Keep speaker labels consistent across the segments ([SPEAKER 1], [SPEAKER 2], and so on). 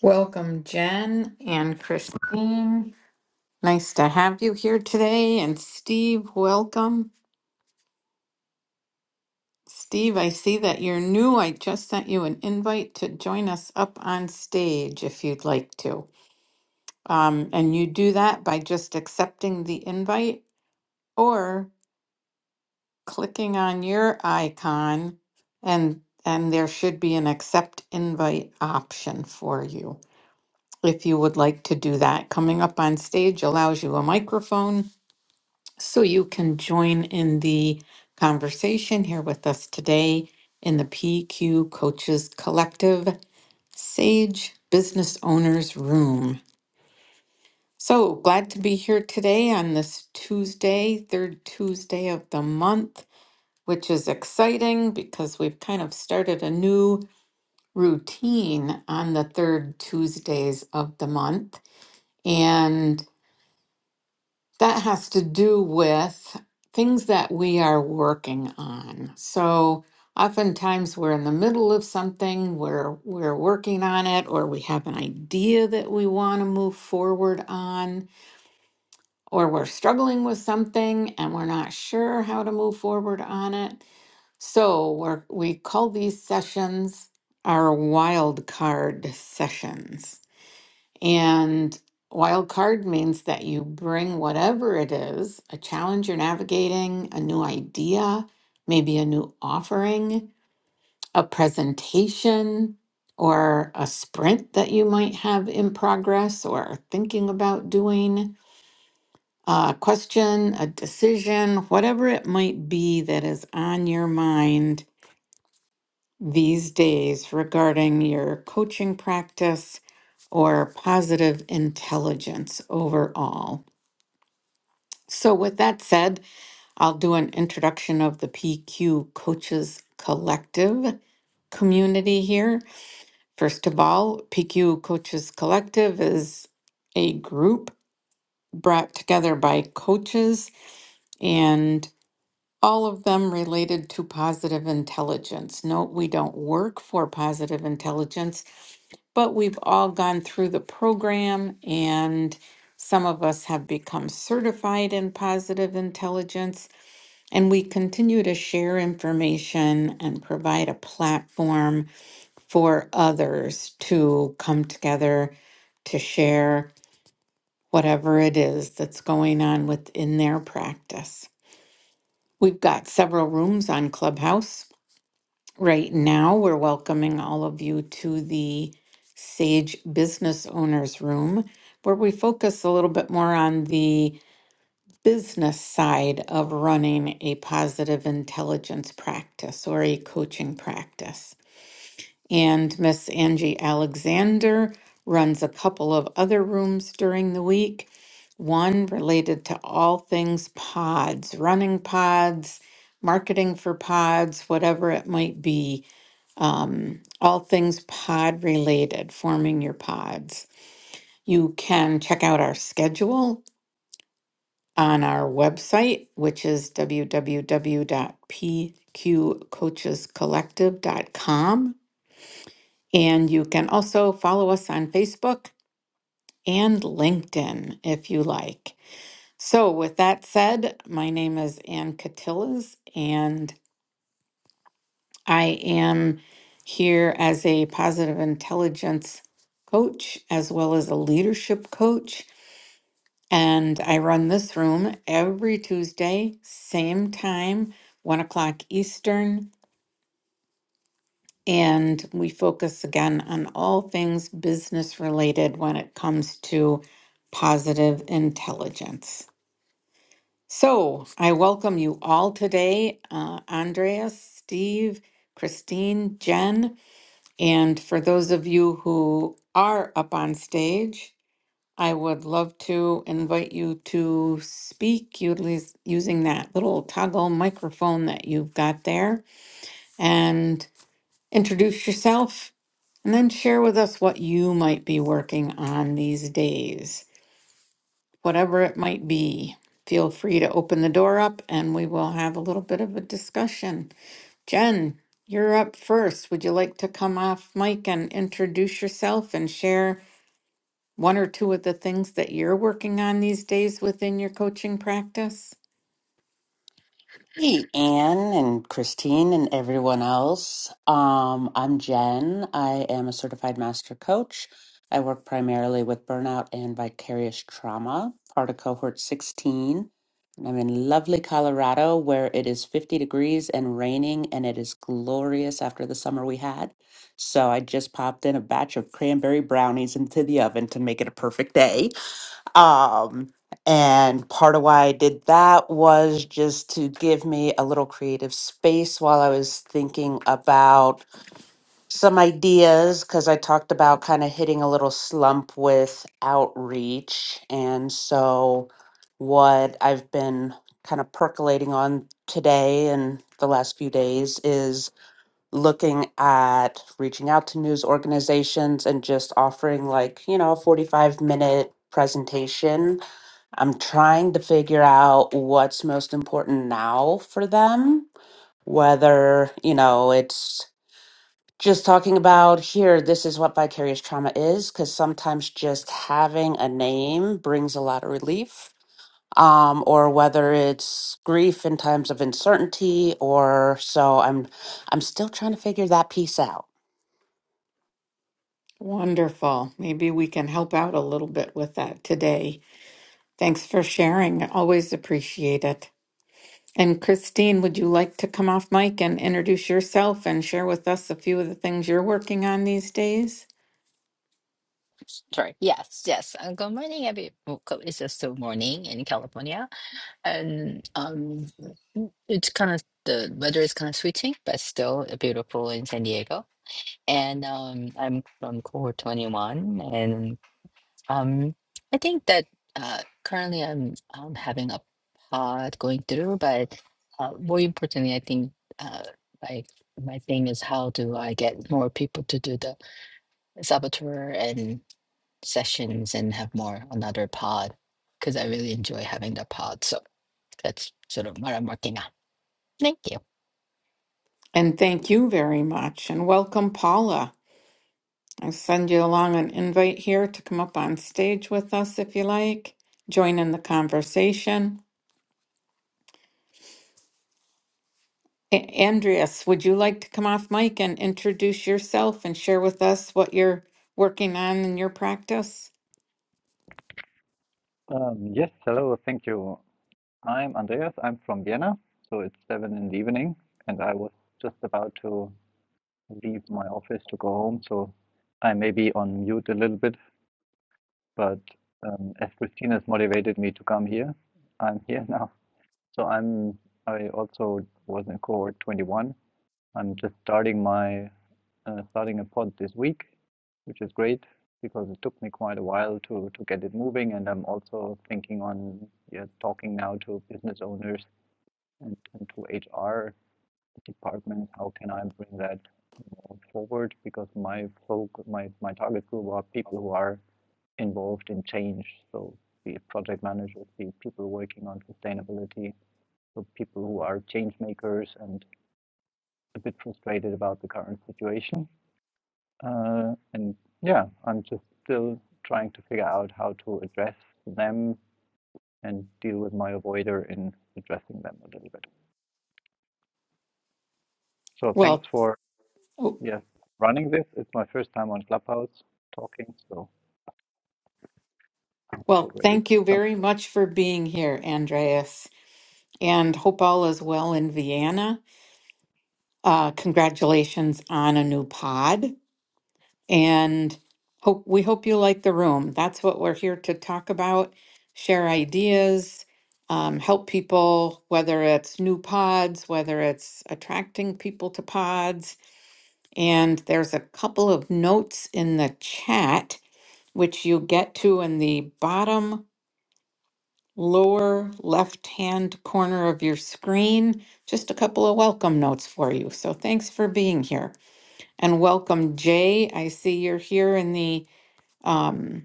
[SPEAKER 1] Welcome, Jen and Christine. Nice to have you here today. And Steve, welcome. Steve, I see that you're new. I just sent you an invite to join us up on stage if you'd like to. Um, and you do that by just accepting the invite or clicking on your icon and and there should be an accept invite option for you. If you would like to do that, coming up on stage allows you a microphone So you can join in the conversation here with us today in the PQ Coaches Collective Sage Business Owners Room. So glad to be here today on this Tuesday, third Tuesday of the month, which is exciting because we've kind of started a new routine on the third Tuesdays of the month. And That has to do with things that we are working on. So oftentimes we're in the middle of something, we're we're working on it, or we have an idea that we want to move forward on, or we're struggling with something and we're not sure how to move forward on it. So we're we call these sessions our wild card sessions. And wild card means that you bring whatever it is, a challenge you're navigating, a new idea, maybe a new offering, a presentation, or a sprint that you might have in progress or are thinking about doing, a question, a decision, whatever it might be that is on your mind these days regarding your coaching practice or positive intelligence overall. So, with that said, I'll do an introduction of the PQ Coaches Collective community here. First of all, PQ Coaches Collective is a group brought together by coaches and all of them related to positive intelligence. Note we don't work for positive intelligence. but we've all gone through the program and some of us have become certified in positive intelligence and we continue to share information and provide a platform for others to come together to share whatever it is that's going on within their practice. We've got several rooms on Clubhouse Right now, we're welcoming all of you to the Sage Business Owners Room, where we focus a little bit more on the business side of running a positive intelligence practice or a coaching practice. And Miss Angie Alexander runs a couple of other rooms during the week, one related to all things pods, running pods, marketing for pods, whatever it might be um, all things pod related, forming your pods. You can check out our schedule on our website, which is dot dot p q coaches collective dot com, And you can also follow us on Facebook and LinkedIn if you like. So, with that said, my name is Ann Catillas, and I am here as a positive intelligence coach as well as a leadership coach. And I run this room every Tuesday, same time, one o'clock Eastern. And we focus again on all things business related when it comes to positive intelligence. So I welcome you all today, uh, Andreas, Steve, Christine, Jen. And for those of you who are up on stage, I would love to invite you to speak utilis- using that little toggle microphone that you've got there and introduce yourself and then share with us what you might be working on these days, whatever it might be. Feel free to open the door up and we will have a little bit of a discussion. Jen, you're up first. Would you like to come off mic and introduce yourself and share one or two of the things that you're working on these days within your coaching practice?
[SPEAKER 2] Hey, Anne and Christine and everyone else. Um, I'm Jen. I am a certified master coach. I work primarily with burnout and vicarious trauma, part of cohort 16. And I'm in lovely Colorado where it is 50 degrees and raining, and it is glorious after the summer we had. So I just popped in a batch of cranberry brownies into the oven to make it a perfect day. Um, and part of why I did that was just to give me a little creative space while I was thinking about some ideas because I talked about kind of hitting a little slump with outreach. And so, what I've been kind of percolating on today and the last few days is looking at reaching out to news organizations and just offering like, you know, a 45 minute presentation I'm trying to figure out what's most important now for them. Whether, you know, it's just talking about here, this is what vicarious trauma is, because sometimes just having a name brings a lot of relief. Um, or whether it's grief in times of uncertainty or so I'm I'm still trying to figure that piece out.
[SPEAKER 1] Wonderful. Maybe we can help out a little bit with that today. Thanks for sharing. Always appreciate it. And Christine, would you like to come off mic and introduce yourself and share with us a few of the things you're working on these days?
[SPEAKER 3] Sorry. Yes, yes. Uh, Good morning, every. well, co- It's just still morning in California, and um, it's kind of the weather is kind of switching, but still beautiful in San Diego. And um, I'm from cohort 21, and um, I think that uh, currently I'm um having a pod going through, but uh, more importantly, I think uh, like my thing is how do I get more people to do the saboteur sessions and have more another pod because I really enjoy having the pod. So that's sort of what I'm working on. Thank you.
[SPEAKER 1] And thank you very much. And welcome, Paula. I'll send you along an invite here to come up on stage with us if you like. Join in the conversation. A- Andreas, would you like to come off mic and introduce yourself and share with us what you're working on in your practice?
[SPEAKER 4] Um, yes, hello, thank you. I'm Andreas. I'm from Vienna, so it's seven in the evening, and I was just about to leave my office to go home, so I may be on mute a little bit, but um, as Christina's motivated me to come here, I'm here now. So I'm I also was in cohort 21. I'm just starting my uh, starting a pod this week, which is great because it took me quite a while to, to get it moving. And I'm also thinking on yeah, talking now to business owners and, and to HR departments. How can I bring that more forward? Because my folk, my, my target group are people who are involved in change. So be it project managers, be it people working on sustainability, so people who are change makers and a bit frustrated about the current situation Uh, and yeah, I'm just still trying to figure out how to address them and deal with my avoider in addressing them a little bit. So thanks
[SPEAKER 1] Well,
[SPEAKER 4] for
[SPEAKER 1] w-
[SPEAKER 4] yes running this. It's my first time on Clubhouse talking, so
[SPEAKER 1] well,
[SPEAKER 4] already
[SPEAKER 1] thank you
[SPEAKER 4] some.
[SPEAKER 1] very much for being here, Andreas, and hope all is well in Vienna. Uh, congratulations on a new pod. and hope we hope you like the room. That's what we're here to talk about, share ideas, um, help people, whether it's new pods, whether it's attracting people to pods. And there's a couple of notes in the chat, which you get to in the bottom lower left hand corner of your screen. Just a couple of welcome notes for you. So thanks for being here. And welcome, Jay. I see you're here in the um,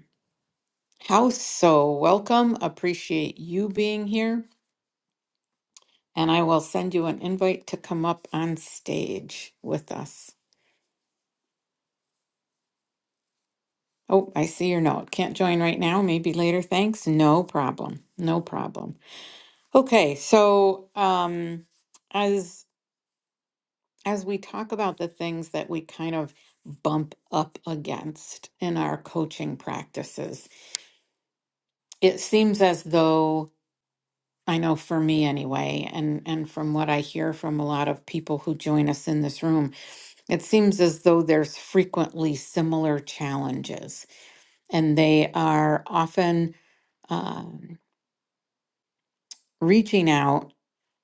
[SPEAKER 1] How so welcome. Appreciate you being here. And I will send you an invite to come up on stage with us. Oh, I see your note. Can't join right now. Maybe later. Thanks. No problem. No problem. Okay, so um, as as we talk about the things that we kind of bump up against in our coaching practices, it seems as though I know for me anyway, and and from what I hear from a lot of people who join us in this room, it seems as though there's frequently similar challenges, and they are often um, reaching out,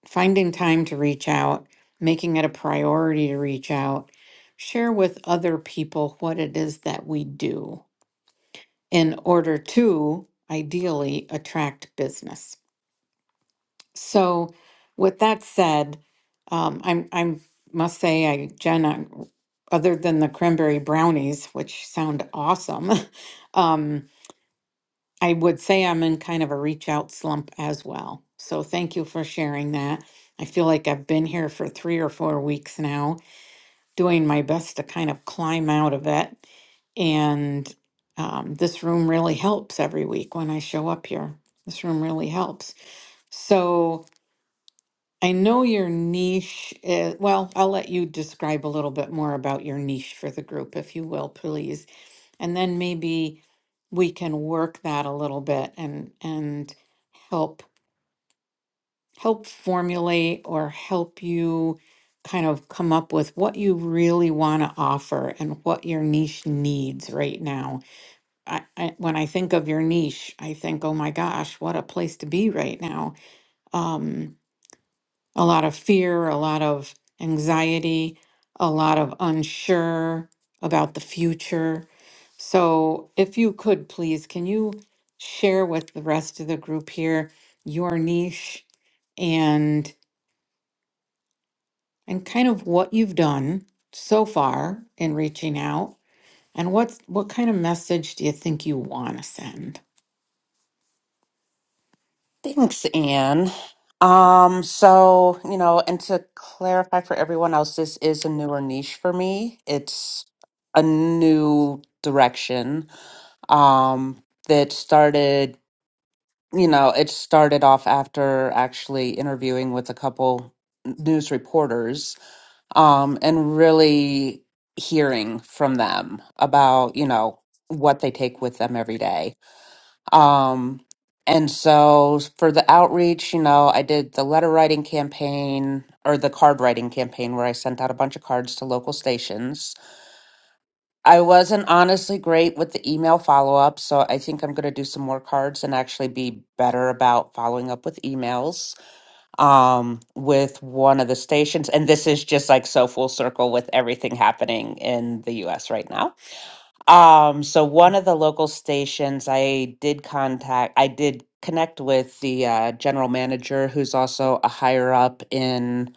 [SPEAKER 1] finding time to reach out, making it a priority to reach out, share with other people what it is that we do in order to ideally attract business. So, with that said, um, I'm I'm must say I Jen, I, other than the cranberry brownies, which sound awesome, um, I would say I'm in kind of a reach out slump as well. So thank you for sharing that. I feel like I've been here for three or four weeks now, doing my best to kind of climb out of it. And um, this room really helps every week when I show up here. This room really helps. So. I know your niche is, well, I'll let you describe a little bit more about your niche for the group, if you will, please. And then maybe we can work that a little bit and and help help formulate or help you kind of come up with what you really want to offer and what your niche needs right now. I, I when I think of your niche, I think, oh my gosh, what a place to be right now. Um, a lot of fear, a lot of anxiety, a lot of unsure about the future. So, if you could please, can you share with the rest of the group here your niche and and kind of what you've done so far in reaching out and what's what kind of message do you think you want to send?
[SPEAKER 2] Thanks, Anne. Um, so, you know, and to clarify for everyone else, this is a newer niche for me. It's a new direction. Um, that started, you know, it started off after actually interviewing with a couple news reporters, um, and really hearing from them about, you know, what they take with them every day. Um, and so for the outreach, you know, I did the letter writing campaign or the card writing campaign where I sent out a bunch of cards to local stations. I wasn't honestly great with the email follow up, so I think I'm going to do some more cards and actually be better about following up with emails um, with one of the stations. And this is just like so full circle with everything happening in the US right now. Um, so one of the local stations I did contact, I did connect with the uh, general manager, who's also a higher up in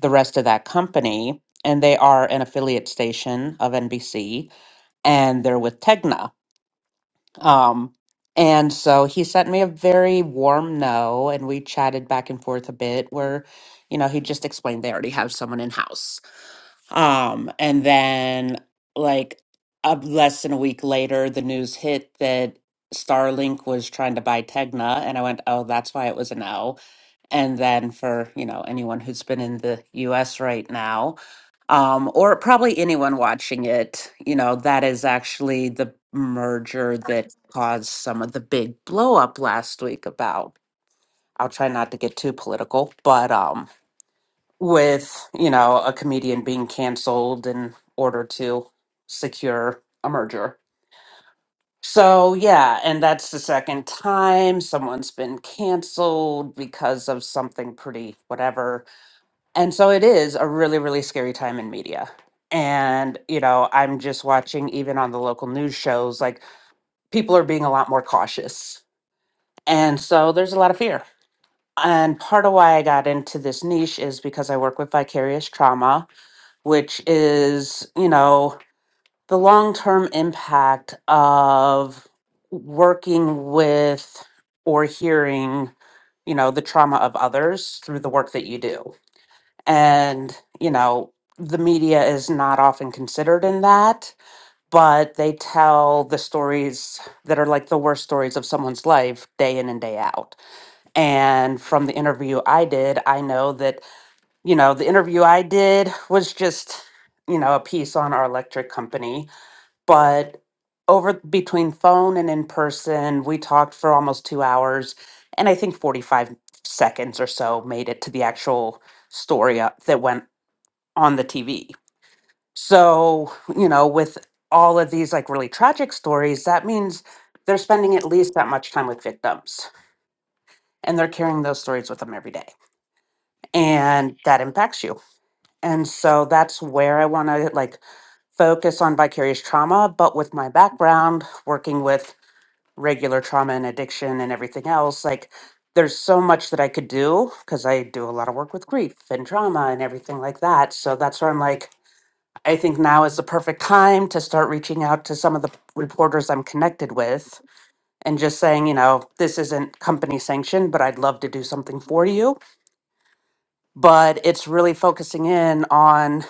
[SPEAKER 2] the rest of that company, and they are an affiliate station of NBC, and they're with Tegna. Um, and so he sent me a very warm no, and we chatted back and forth a bit where, you know, he just explained they already have someone in house. Um, and then like a, less than a week later, the news hit that Starlink was trying to buy Tegna, and I went, "Oh, that's why it was a no." And then for, you know, anyone who's been in the US right now, um, or probably anyone watching it, you know, that is actually the merger that caused some of the big blow up last week about. I'll try not to get too political, but um with you know a comedian being canceled in order to secure a merger so yeah and that's the second time someone's been canceled because of something pretty whatever and so it is a really really scary time in media and you know i'm just watching even on the local news shows like people are being a lot more cautious and so there's a lot of fear and part of why i got into this niche is because i work with vicarious trauma which is, you know, the long term impact of working with or hearing, you know, the trauma of others through the work that you do. And, you know, the media is not often considered in that, but they tell the stories that are like the worst stories of someone's life day in and day out. And from the interview I did, I know that you know, the interview I did was just, you know, a piece on our electric company. But over between phone and in person, we talked for almost two hours. And I think 45 seconds or so made it to the actual story up that went on the TV. So, you know, with all of these like really tragic stories, that means they're spending at least that much time with victims and they're carrying those stories with them every day. And that impacts you And so that's where I want to like focus on vicarious trauma. But with my background, working with regular trauma and addiction and everything else, like there's so much that I could do because I do a lot of work with grief and trauma and everything like that. So that's where I'm like, I think now is the perfect time to start reaching out to some of the reporters I'm connected with and just saying, you know, this isn't company sanctioned, but I'd love to do something for you. But it's really focusing in on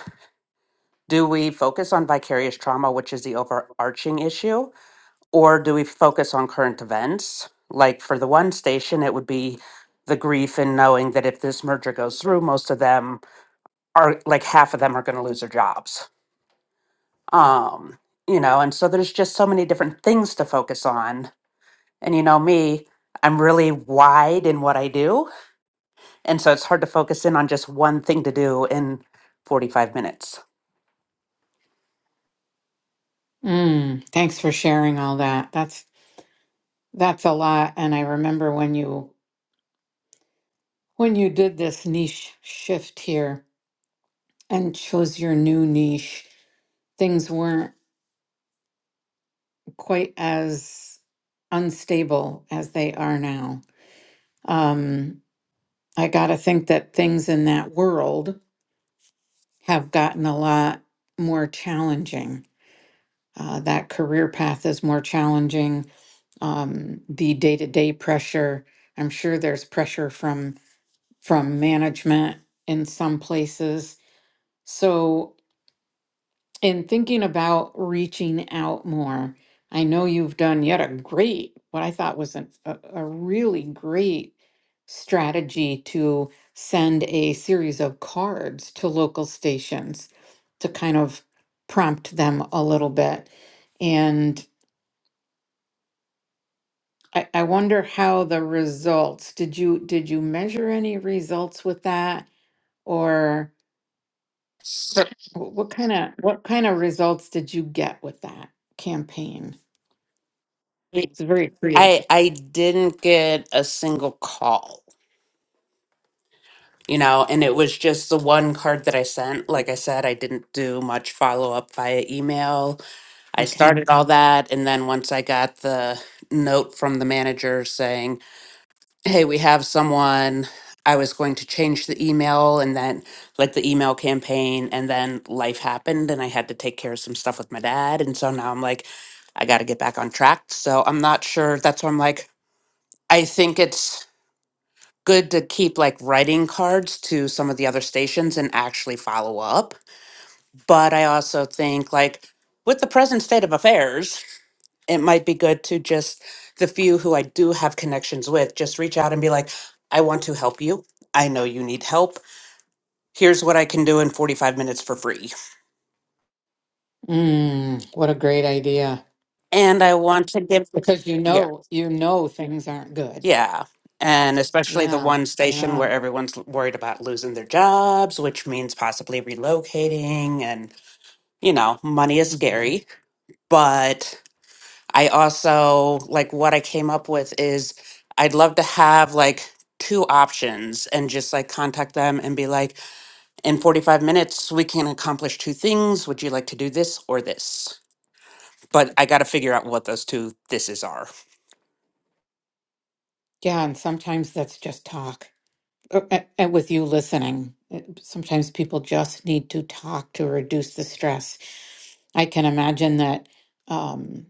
[SPEAKER 2] do we focus on vicarious trauma, which is the overarching issue, or do we focus on current events? Like for the one station, it would be the grief in knowing that if this merger goes through, most of them are like half of them are going to lose their jobs. Um, you know, and so there's just so many different things to focus on. And you know, me, I'm really wide in what I do. And so it's hard to focus in on just one thing to do in 45 minutes.
[SPEAKER 1] Mm, thanks for sharing all that. That's That's a lot. And I remember when you when you did this niche shift here and chose your new niche, things weren't quite as unstable as they are now. Um, I gotta think that things in that world have gotten a lot more challenging. Uh, that career path is more challenging. Um, the day-to-day pressure. I'm sure there's pressure from from management in some places So, in thinking about reaching out more, I know you've done yet a great, what I thought was an, a, a really great strategy to send a series of cards to local stations to kind of prompt them a little bit. And I, I wonder how the results, did you did you measure any results with that? Or
[SPEAKER 2] So,
[SPEAKER 1] wh- what kind of what kind of results did you get with that campaign? It's very
[SPEAKER 2] I
[SPEAKER 1] creative.
[SPEAKER 2] I didn't get a single call, you know, and it was just the one card that I sent. Like I said, I didn't do much follow up via email. I
[SPEAKER 1] Okay.
[SPEAKER 2] started all that, and then once I got the note from the manager saying, "Hey, we have someone." I was going to change the email and then like the email campaign and then life happened and I had to take care of some stuff with my dad and so now I'm like I got to get back on track. So I'm not sure that's why I'm like I think it's good to keep like writing cards to some of the other stations and actually follow up. But I also think like with the present state of affairs, it might be good to just the few who I do have connections with just reach out and be like, I want to help you. I know you need help. Here's what I can do in 45 minutes for free.
[SPEAKER 1] Mm, what a great idea.
[SPEAKER 2] And I want to give
[SPEAKER 1] Because you
[SPEAKER 2] yeah.
[SPEAKER 1] know, you know things aren't good.
[SPEAKER 2] Yeah. And especially the
[SPEAKER 1] Yeah.
[SPEAKER 2] one station
[SPEAKER 1] Yeah.
[SPEAKER 2] where everyone's worried about losing their jobs, which means possibly relocating and you know, money is
[SPEAKER 1] Mhm.
[SPEAKER 2] scary. But I also like what I came up with is I'd love to have like two options and just like contact them and be like, in 45 minutes, we can accomplish two things. Would you like to do this or this? But I got to figure out what those two thises are.
[SPEAKER 1] Yeah. And sometimes that's just talk. Uh, a- And with you listening, it- sometimes people just need to talk to reduce the stress. I can imagine that um,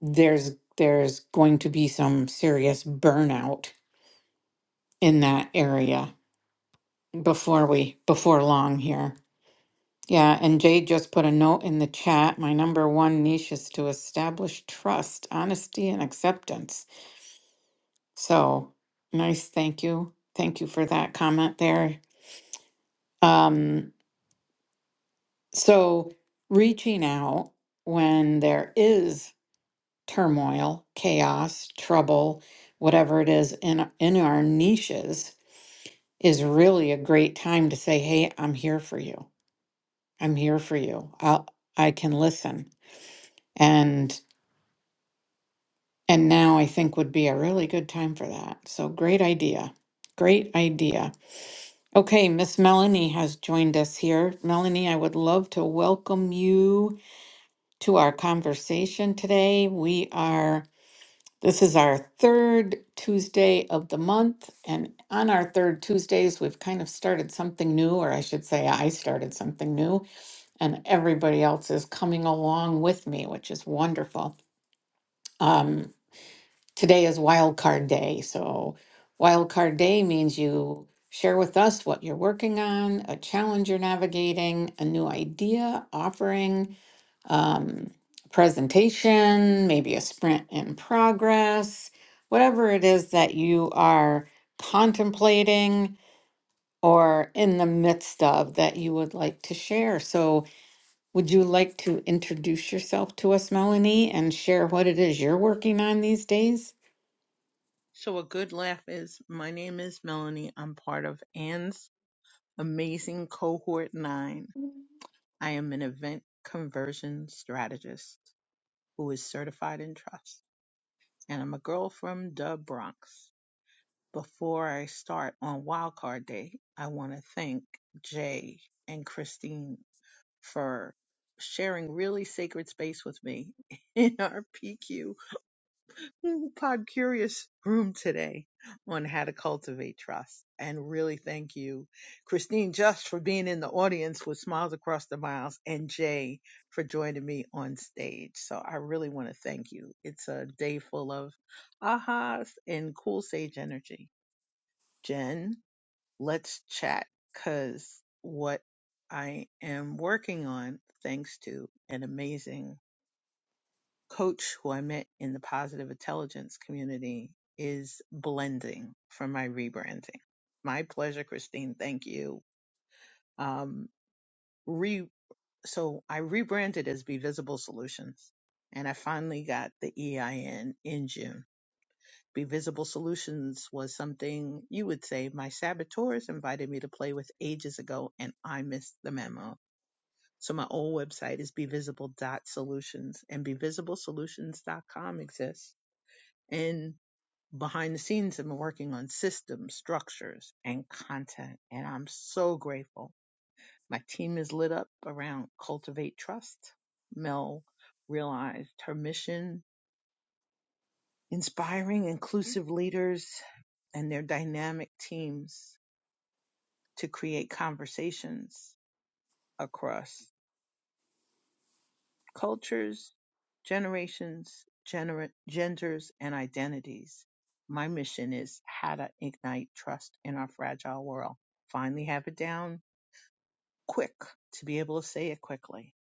[SPEAKER 1] there's there's going to be some serious burnout in that area before we before long here. Yeah, and Jade just put a note in the chat. My number one niche is to establish trust, honesty, and acceptance. So nice, thank you, thank you for that comment there. Um, so reaching out when there is turmoil, chaos, trouble, whatever it is in in our niches is really a great time to say, "Hey, I'm here for you." I'm here for you. I'll, I can listen. And and now I think would be a really good time for that. So great idea. Great idea. Okay, Miss Melanie has joined us here. Melanie, I would love to welcome you to our conversation today. We are this is our third Tuesday of the month, and on our third Tuesdays, we've kind of started something new, or I should say, I started something new. and everybody else is coming along with me, which is wonderful. Um, today is wild card day. So, wild card day means you share with us what you're working on, a challenge you're navigating, a new idea, offering, um, presentation, maybe a sprint in progress, whatever it is that you are contemplating or in the midst of that you would like to share. So, would you like to introduce yourself to us, Melanie, and share what it is you're working on these days?
[SPEAKER 5] So a good laugh is, my name is Melanie. I'm part of Anne's amazing cohort nine. I am an event conversion strategist who is certified in trust. And I'm a girl from the Bronx. Before I start on wildcard day, I want to thank Jay and Christine for sharing really sacred space with me in our PQ whole Pod Curious room today on how to cultivate trust. And really thank you, Christine, just for being in the audience with Smiles Across the Miles and Jay for joining me on stage. So I really want to thank you. It's a day full of ahas and cool sage energy. Jen, let's chat because what I am working on, thanks to an amazing coach who I met in the positive intelligence community is blending for my rebranding. My pleasure, Christine. Thank you. Um, re, so I rebranded as Be Visible Solutions and I finally got the EIN in June. Be Visible Solutions was something you would say my saboteurs invited me to play with ages ago and I missed the memo. So my old website is bevisible dot Solutions, and bevisible Solutions dot com exists. And behind the scenes and been working on systems, structures, and content. And I'm so grateful. My team is lit up around Cultivate Trust. Mel realized her mission, inspiring inclusive leaders and their dynamic teams to create conversations across cultures, generations, gener- genders, and identities. My mission is how to ignite trust in our fragile world. Finally, have it down quick to be able to say it quickly.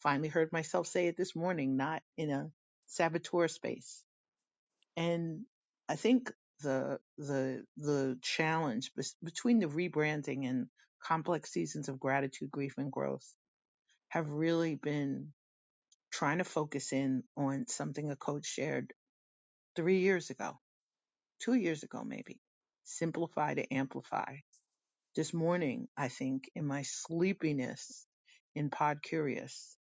[SPEAKER 5] Finally, heard myself say it this morning, not in a saboteur space. And I think the the the challenge bes- between the rebranding and complex seasons of gratitude, grief, and growth have really been trying to focus in on something a coach shared three years ago, two years ago, maybe. Simplify to amplify. This morning, I think in my sleepiness in Pod Curious,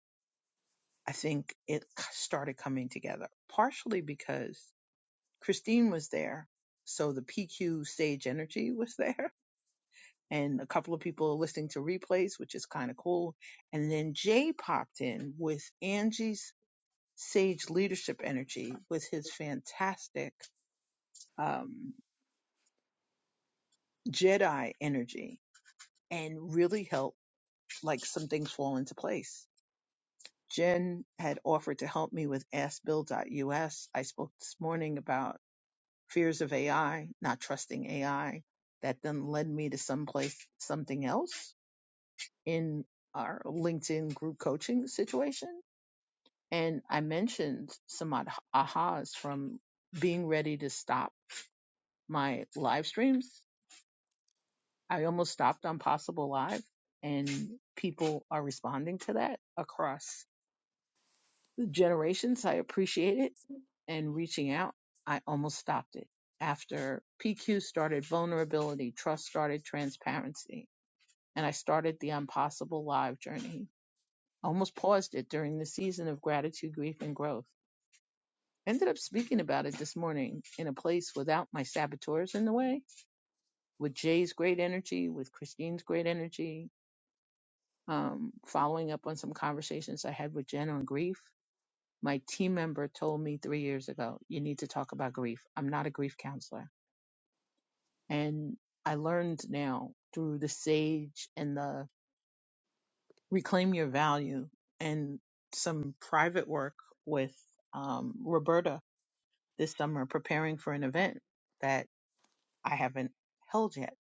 [SPEAKER 5] I think it k- started coming together, partially because Christine was there. So the PQ stage energy was there and a couple of people are listening to replays, which is kind of cool. And then Jay popped in with Angie's sage leadership energy with his fantastic um, Jedi energy and really helped like some things fall into place. Jen had offered to help me with AskBill.us. I spoke this morning about fears of AI, not trusting AI. That then led me to someplace, something else in our LinkedIn group coaching situation. And I mentioned some ah- ahas from being ready to stop my live streams. I almost stopped on Possible Live, and people are responding to that across the generations. I appreciate it and reaching out. I almost stopped it after PQ started vulnerability, trust started transparency, and I started the Impossible Live journey. I almost paused it during the season of gratitude, grief, and growth. Ended up speaking about it this morning in a place without my saboteurs in the way with Jay's great energy, with Christine's great energy, um, following up on some conversations I had with Jen on grief, my team member told me three years ago, you need to talk about grief. I'm not a grief counselor. And I learned now through the SAGE and the Reclaim Your Value and some private work with um, Roberta this summer, preparing for an event that I haven't held yet.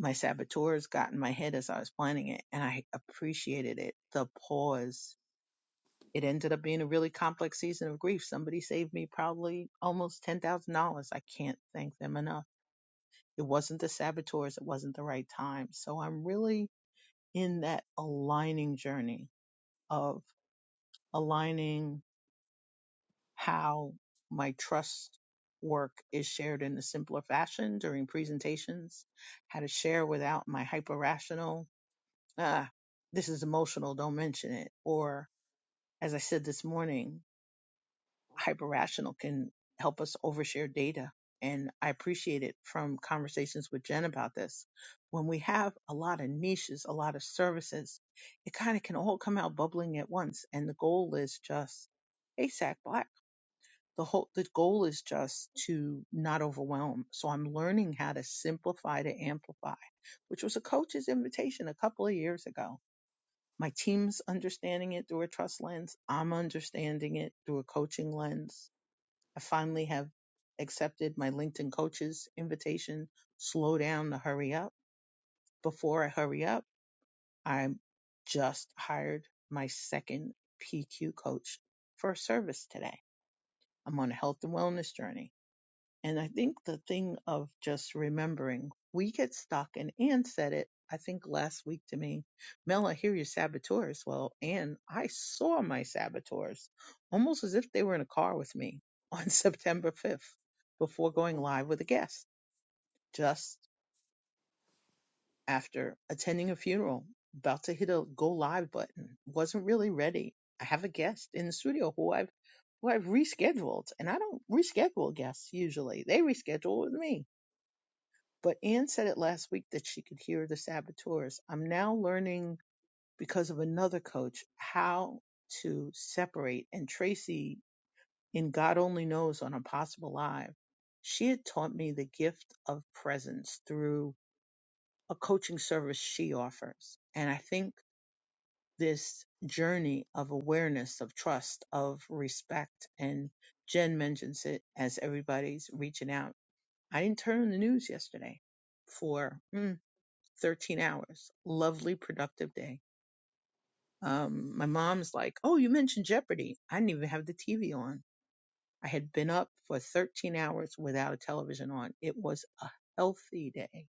[SPEAKER 5] My saboteurs got in my head as I was planning it, and I appreciated it. The pause It ended up being a really complex season of grief. Somebody saved me probably almost $10,000. I can't thank them enough. It wasn't the saboteurs, it wasn't the right time. So I'm really in that aligning journey of aligning how my trust work is shared in a simpler fashion during presentations, how to share without my hyper rational, ah, this is emotional, don't mention it, or as I said this morning, hyperrational can help us overshare data. And I appreciate it from conversations with Jen about this. When we have a lot of niches, a lot of services, it kind of can all come out bubbling at once. And the goal is just ASAC Black. The whole the goal is just to not overwhelm. So I'm learning how to simplify to amplify, which was a coach's invitation a couple of years ago. My team's understanding it through a trust lens. I'm understanding it through a coaching lens I finally have accepted my LinkedIn coach's invitation. Slow down to hurry up. Before I hurry up, I just hired my second PQ coach for a service today. I'm on a health and wellness journey. And I think the thing of just remembering, we get stuck, and Ann said it, I think last week to me, Mel, I hear your saboteurs. Well, Ann, I saw my saboteurs almost as if they were in a car with me on September 5th before going live with a guest, just after attending a funeral, about to hit a go live button, wasn't really ready. I have a guest in the studio who I've who I've rescheduled, and I don't reschedule guests usually. They reschedule with me But Ann said it last week that she could hear the saboteurs. I'm now learning because of another coach how to separate. And Tracy, in God Only Knows on Impossible Live, she had taught me the gift of presence through a coaching service she offers. And I think this journey of awareness, of trust, of respect, and Jen mentions it as everybody's reaching out. I didn't turn on the news yesterday for. hmm, 13 hours. Lovely, productive day. Um, my mom's like, Oh, you mentioned Jeopardy. I didn't even have the TV on. I had been up for 13 hours without a television on. It was a healthy day.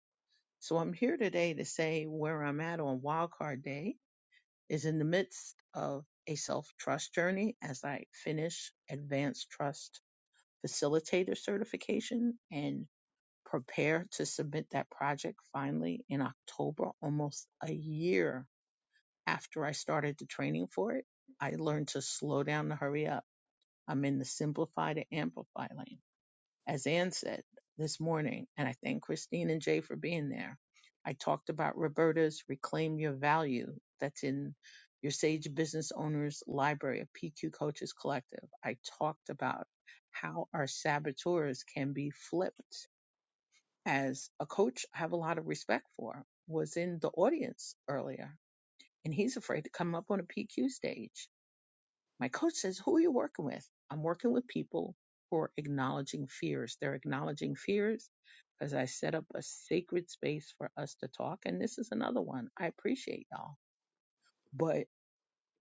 [SPEAKER 5] So I'm here today to say where I'm at on wildcard day is in the midst of a self trust journey as I finish advanced trust facilitator certification and prepare to submit that project finally in October, almost a year after I started the training for it, I learned to slow down and hurry up. I'm in the simplify to amplify lane. As Ann said this morning, and I thank Christine and Jay for being there, I talked about Roberta's Reclaim Your Value that's in your Sage Business Owners Library, of PQ Coaches Collective. I talked about how our saboteurs can be flipped. As a coach, I have a lot of respect for, was in the audience earlier and he's afraid to come up on a PQ stage. My coach says, Who are you working with? I'm working with people who are acknowledging fears. They're acknowledging fears because I set up a sacred space for us to talk. And this is another one. I appreciate y'all, but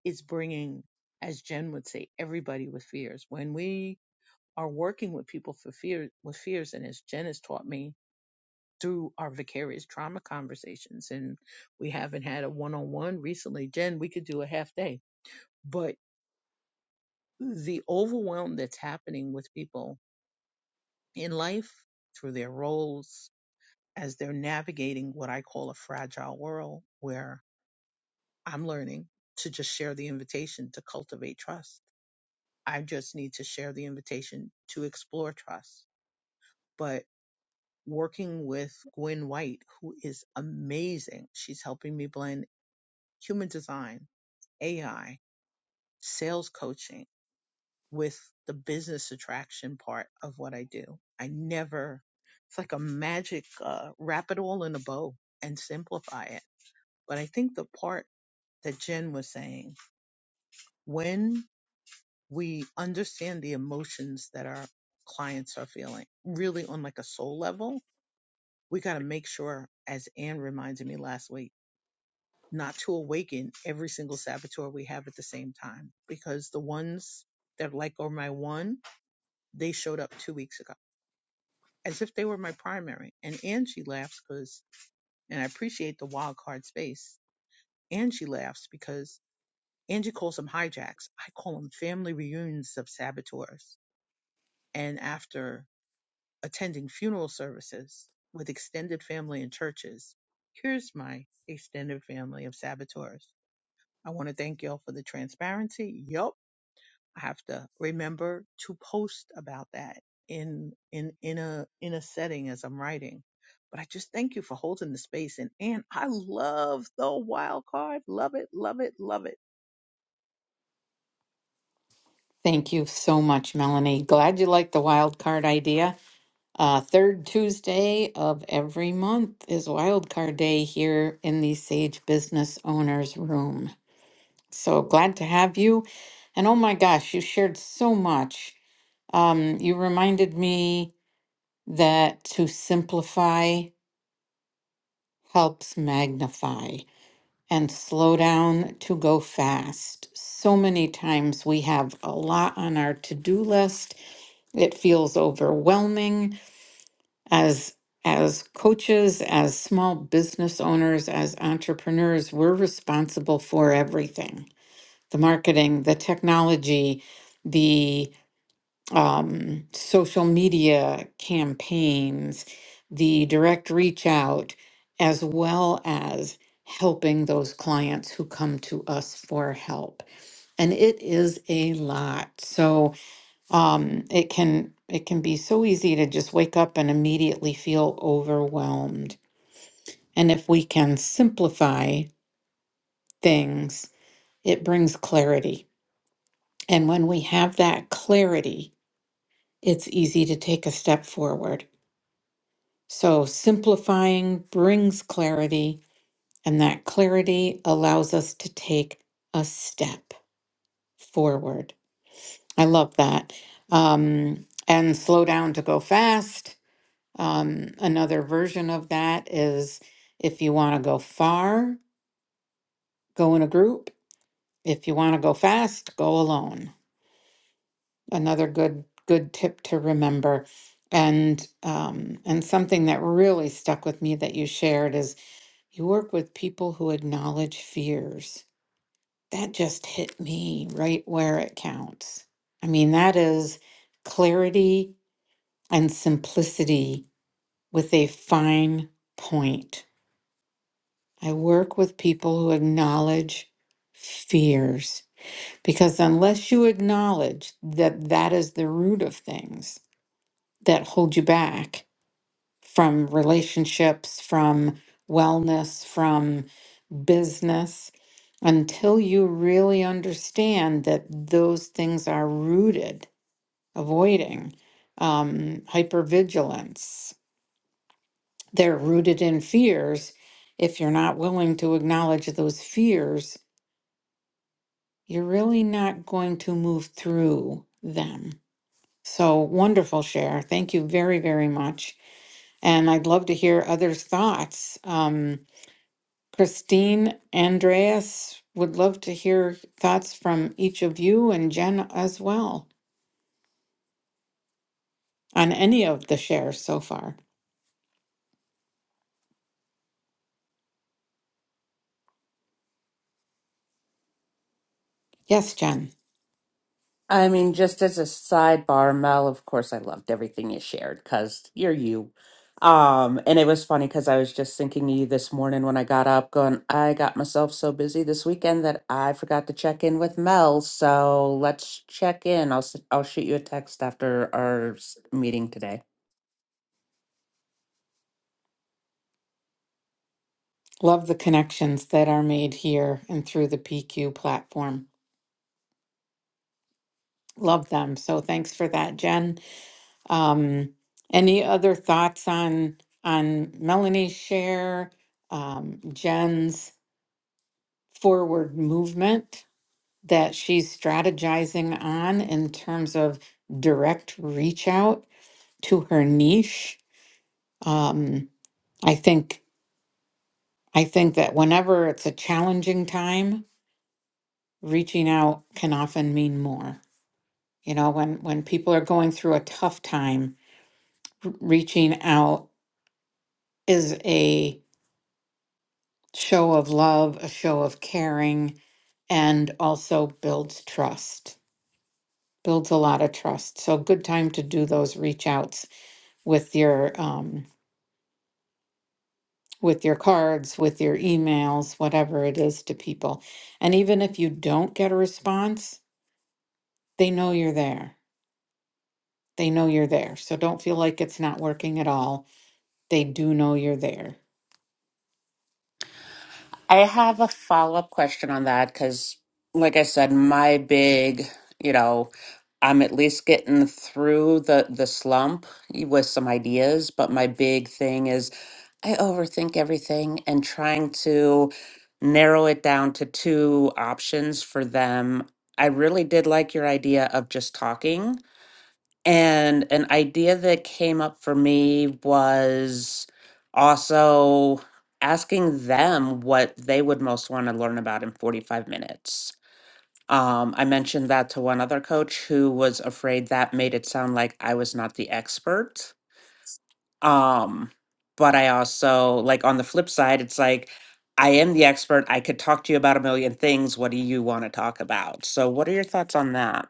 [SPEAKER 5] it's bringing, as Jen would say, everybody with fears. When we are working with people for fear, with fears, and as Jen has taught me through our vicarious trauma conversations, and we haven't had a one on one recently. Jen, we could do a half day, but the overwhelm that's happening with people in life through their roles as they're navigating what I call a fragile world where I'm learning to just share the invitation to cultivate trust. I just need to share the invitation to explore trust. But working with Gwen White, who is amazing, she's helping me blend human design, AI, sales coaching with the business attraction part of what I do. I never, it's like a magic, uh, wrap it all in a bow and simplify it. But I think the part that Jen was saying, when we understand the emotions that our clients are feeling, really on like a soul level, we got to make sure, as Anne reminded me last week, not to awaken every single saboteur we have at the same time, because the ones that like are my one, they showed up two weeks ago as if they were my primary. And Angie laughs because, and I appreciate the wild card space. Angie laughs because Angie calls them hijacks. I call them family reunions of saboteurs. And after attending funeral services with extended family and churches, here's my extended family of saboteurs. I want to thank y'all for the transparency. Yup I have to remember to post about that in in in a in a setting as I'm writing. But I just thank you for holding the space and and I love the wild card. Love it, love it, love it.
[SPEAKER 1] Thank you so much, Melanie. Glad you like the wild card idea. Uh, third Tuesday of every month is wild card day here in the Sage Business Owners Room. So glad to have you. And oh my gosh, you shared so much. Um, you reminded me that to simplify helps magnify. and slow down to go fast. So many times we have a lot on our to-do list. It feels overwhelming as as coaches, as small business owners, as entrepreneurs, we're responsible for everything. The marketing, the technology, the um, social media campaigns, the direct reach out, as well as helping those clients who come to us for help. And it is a lot. So um, it can it can be so easy to just wake up and immediately feel overwhelmed. And if we can simplify things, it brings clarity. And when we have that clarity, it's easy to take a step forward. So simplifying brings clarity, and that clarity allows us to take a step forward. I love that. Um, and slow down to go fast. Um, another version of that is if you want to go far, go in a group. If you want to go fast, go alone. Another good good tip to remember. And um, and something that really stuck with me that you shared is You work with people who acknowledge fears. That just hit me right where it counts. I mean, that is clarity and simplicity with a fine point. I work with people who acknowledge fears because unless you acknowledge that that is the root of things that hold you back, from relationships, from wellness, from business, until you really understand that those things are rooted, avoiding um, hypervigilance. They're rooted in fears. If you're not willing to acknowledge those fears, you're really not going to move through them. So wonderful, Cher. Thank you very, very much. And I'd love to hear others' thoughts. Um, Christine, Andreas, would love to hear thoughts from each of you and Jen as well on any of the shares so far. Yes, Jen,
[SPEAKER 2] I mean, just as a sidebar, Mel, of course, I loved everything you shared because you're you. Um, and it was funny because I was just thinking of you this morning when I got up, going, I got myself so busy this weekend that I forgot to check in with Mel. So let's check in. I'll s- I'll shoot you a text after our s- meeting today.
[SPEAKER 1] love the connections that are made here and through the PQ platform. Love them. So thanks for that, Jen. Um, any other thoughts on on Melanie's share, um, Jen's forward movement? that she's strategizing on in terms of direct reach out to her niche. Um, I think I think that whenever it's a challenging time, reaching out can often mean more. You know, when when people are going through a tough time, r- reaching out is a show of love, a show of caring, and also builds trust. Builds a lot of trust. So good time to do those reach outs with your um, with your cards, with your emails, whatever it is to people. And even if you don't get a response, they know you're there. They know you're there. So don't feel like it's not working at all. They do know you're there.
[SPEAKER 2] I have a follow up question on that because, like I said, my big, you know, I'm at least getting through the the slump with some ideas, but my big thing is I overthink everything and trying to narrow it down to two options for them. I really did like your idea of just talking and an idea that came up for me was also asking them what they would most want to learn about in 45 minutes. Um, I mentioned that to one other coach who was afraid that made it sound like I was not the expert. Um, but I also, like, on the flip side, it's like, I am the expert. I could talk to you about a million things. What do you want to talk about? So, what are your thoughts on that?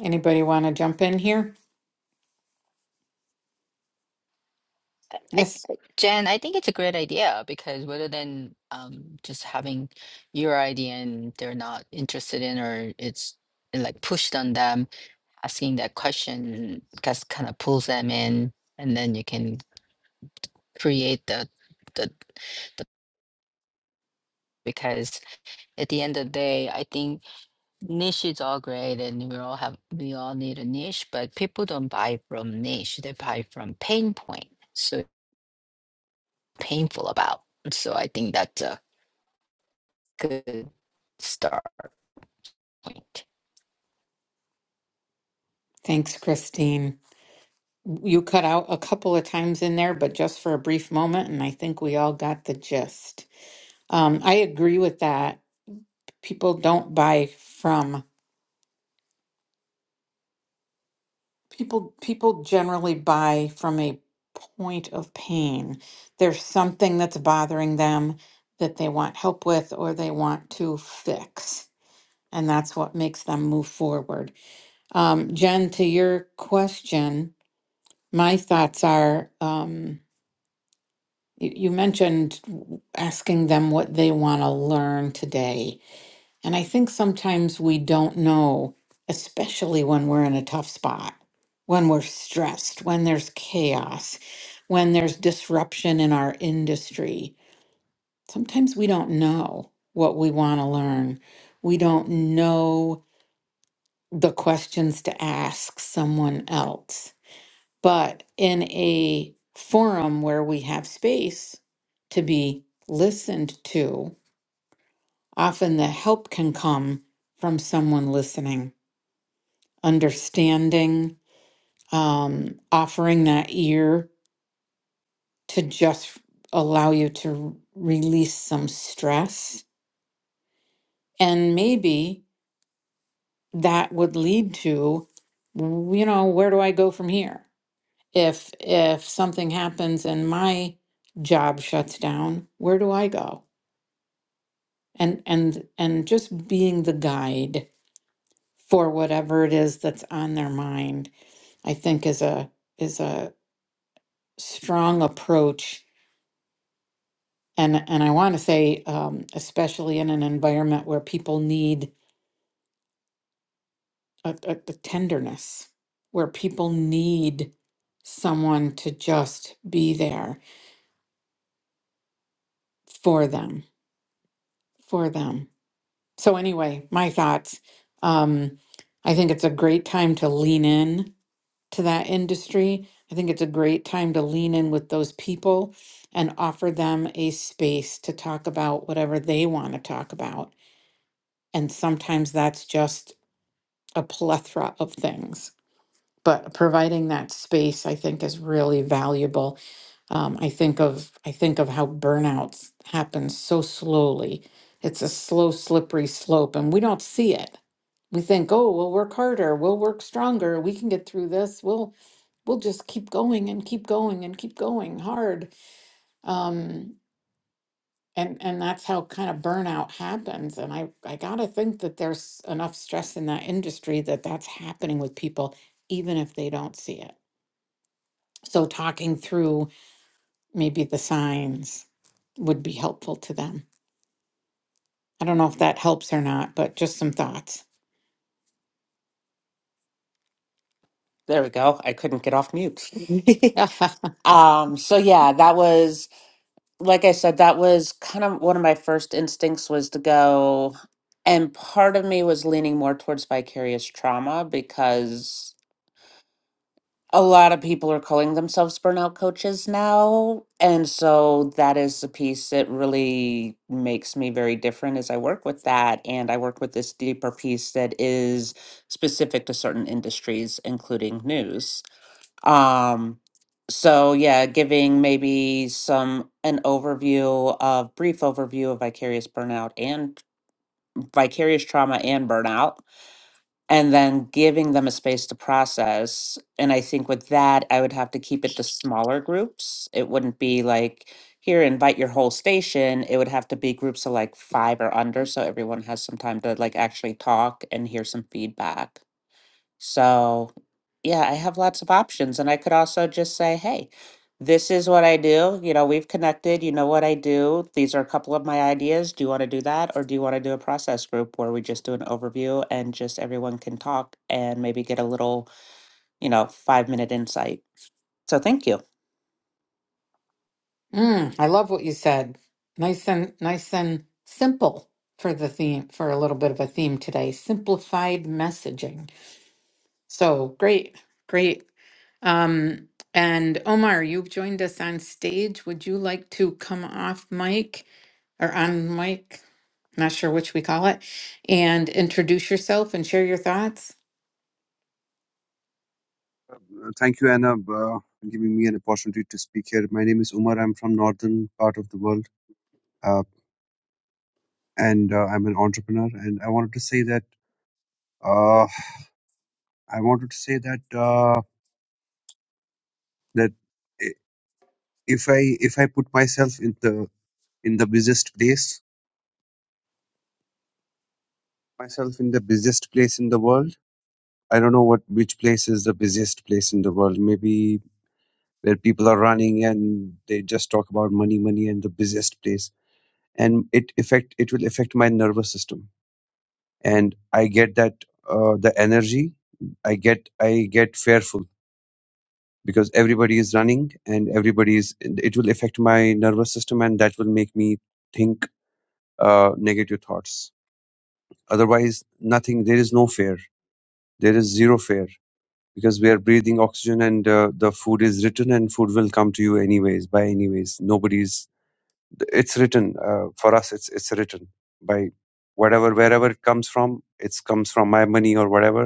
[SPEAKER 1] Anybody want to jump in here?
[SPEAKER 3] I, I-
[SPEAKER 1] Yes.
[SPEAKER 3] Jen, I think it's a great idea because rather than um, just having your idea and they're not interested in or it's like pushed on them, asking that question just kind of pulls them in and then you can create the, the, the because at the end of the day, I think Niche is all great and we all have we all need a niche, but people don't buy from niche, they buy from pain point. So painful about. So I think that's a good start point.
[SPEAKER 1] Thanks, Christine. You cut out a couple of times in there, but just for a brief moment, and I think we all got the gist. Um, I agree with that. People don't buy from. People people generally buy from a point of pain. There's something that's bothering them that they want help with or they want to fix, and that's what makes them move forward. Um, Jen, to your question, my thoughts are um, you, you mentioned asking them what they want to learn today. And I think sometimes we don't know, especially when we're in a tough spot, when we're stressed, when there's chaos, when there's disruption in our industry. Sometimes we don't know what we want to learn. We don't know the questions to ask someone else. But in a forum where we have space to be listened to, often the help can come from someone listening understanding, um, offering that ear to just allow you to release some stress. And maybe that would lead to, you know, where do I go from here? If if something happens and my job shuts down, where do I go? And and and just being the guide for whatever it is that's on their mind, I think is a is a strong approach And and I want to say, um, especially in an environment where people need a, a, a tenderness, where people need someone to just be there for them, for them. So anyway, my thoughts. Um, I think it's a great time to lean in to that industry. I think it's a great time to lean in with those people and offer them a space to talk about whatever they want to talk about. And sometimes that's just a plethora of things. But providing that space, I think, is really valuable. Um, I think of I think of how burnout happens so slowly. It's a slow, slippery slope, and we don't see it. We think, oh, we'll work harder, we'll work stronger, we can get through this. We'll we'll just keep going and keep going and keep going hard. Um, and and that's how kind of burnout happens and i i gotta think that there's enough stress in that industry that that's happening with people even if they don't see it so talking through maybe the signs would be helpful to them i don't know if that helps or not but just some thoughts
[SPEAKER 2] There we go. I couldn't get off mute.
[SPEAKER 1] mm-hmm.
[SPEAKER 2] Um, so yeah, that was like I said, that was kind of one of my first instincts was to go and part of me was leaning more towards vicarious trauma because a lot of people are calling themselves burnout coaches now. And so that is the piece that really makes me very different as I work with that. And I work with this deeper piece that is specific to certain industries, including news. Um, so yeah, giving maybe some an overview of brief overview of vicarious burnout and vicarious trauma and burnout, and then giving them a space to process. And I think with that, I would have to keep it to smaller groups. It wouldn't be like here invite your whole station. It would have to be groups of like five or under, so everyone has some time to like actually talk and hear some feedback. So, yeah, I have lots of options. And I could also just say, hey, this is what I do. You know, we've connected. You know what I do. These are a couple of my ideas. Do you want to do that? Or do you want to do a process group where we just do an overview and just everyone can talk and maybe get a little, you know, five minute insight? So, thank you.
[SPEAKER 1] Mm, I love what you said. Nice and nice and simple for the theme for a little bit of a theme today. Simplified messaging. So great, great. Um, and Omar, you've joined us on stage. Would you like to come off mic or on mic? Not sure which we call it, and introduce yourself and share your thoughts.
[SPEAKER 6] Uh, Thank you, Anna, uh, for giving me an opportunity to speak here. My name is Umar. I'm from northern part of the world, uh, and uh, I'm an entrepreneur. And I wanted to say that uh, I wanted to say that uh, that i- if I if I put myself in the in the busiest place, myself in the busiest place in the world. I don't know what which place is the busiest place in the world. Maybe where people are running and they just talk about money, money, and the busiest place, and it affect it will affect my nervous system and I get that uh, the energy. I get I get fearful because everybody is running and everybody is. It will affect my nervous system and that will make me think uh, negative thoughts. Otherwise, nothing. There is no fear. There is zero fear because we are breathing oxygen and uh, the food is written and food will come to you anyways by anyways. Nobody's. It's written uh, for us. It's it's written by whatever wherever it comes from. It comes from my money or whatever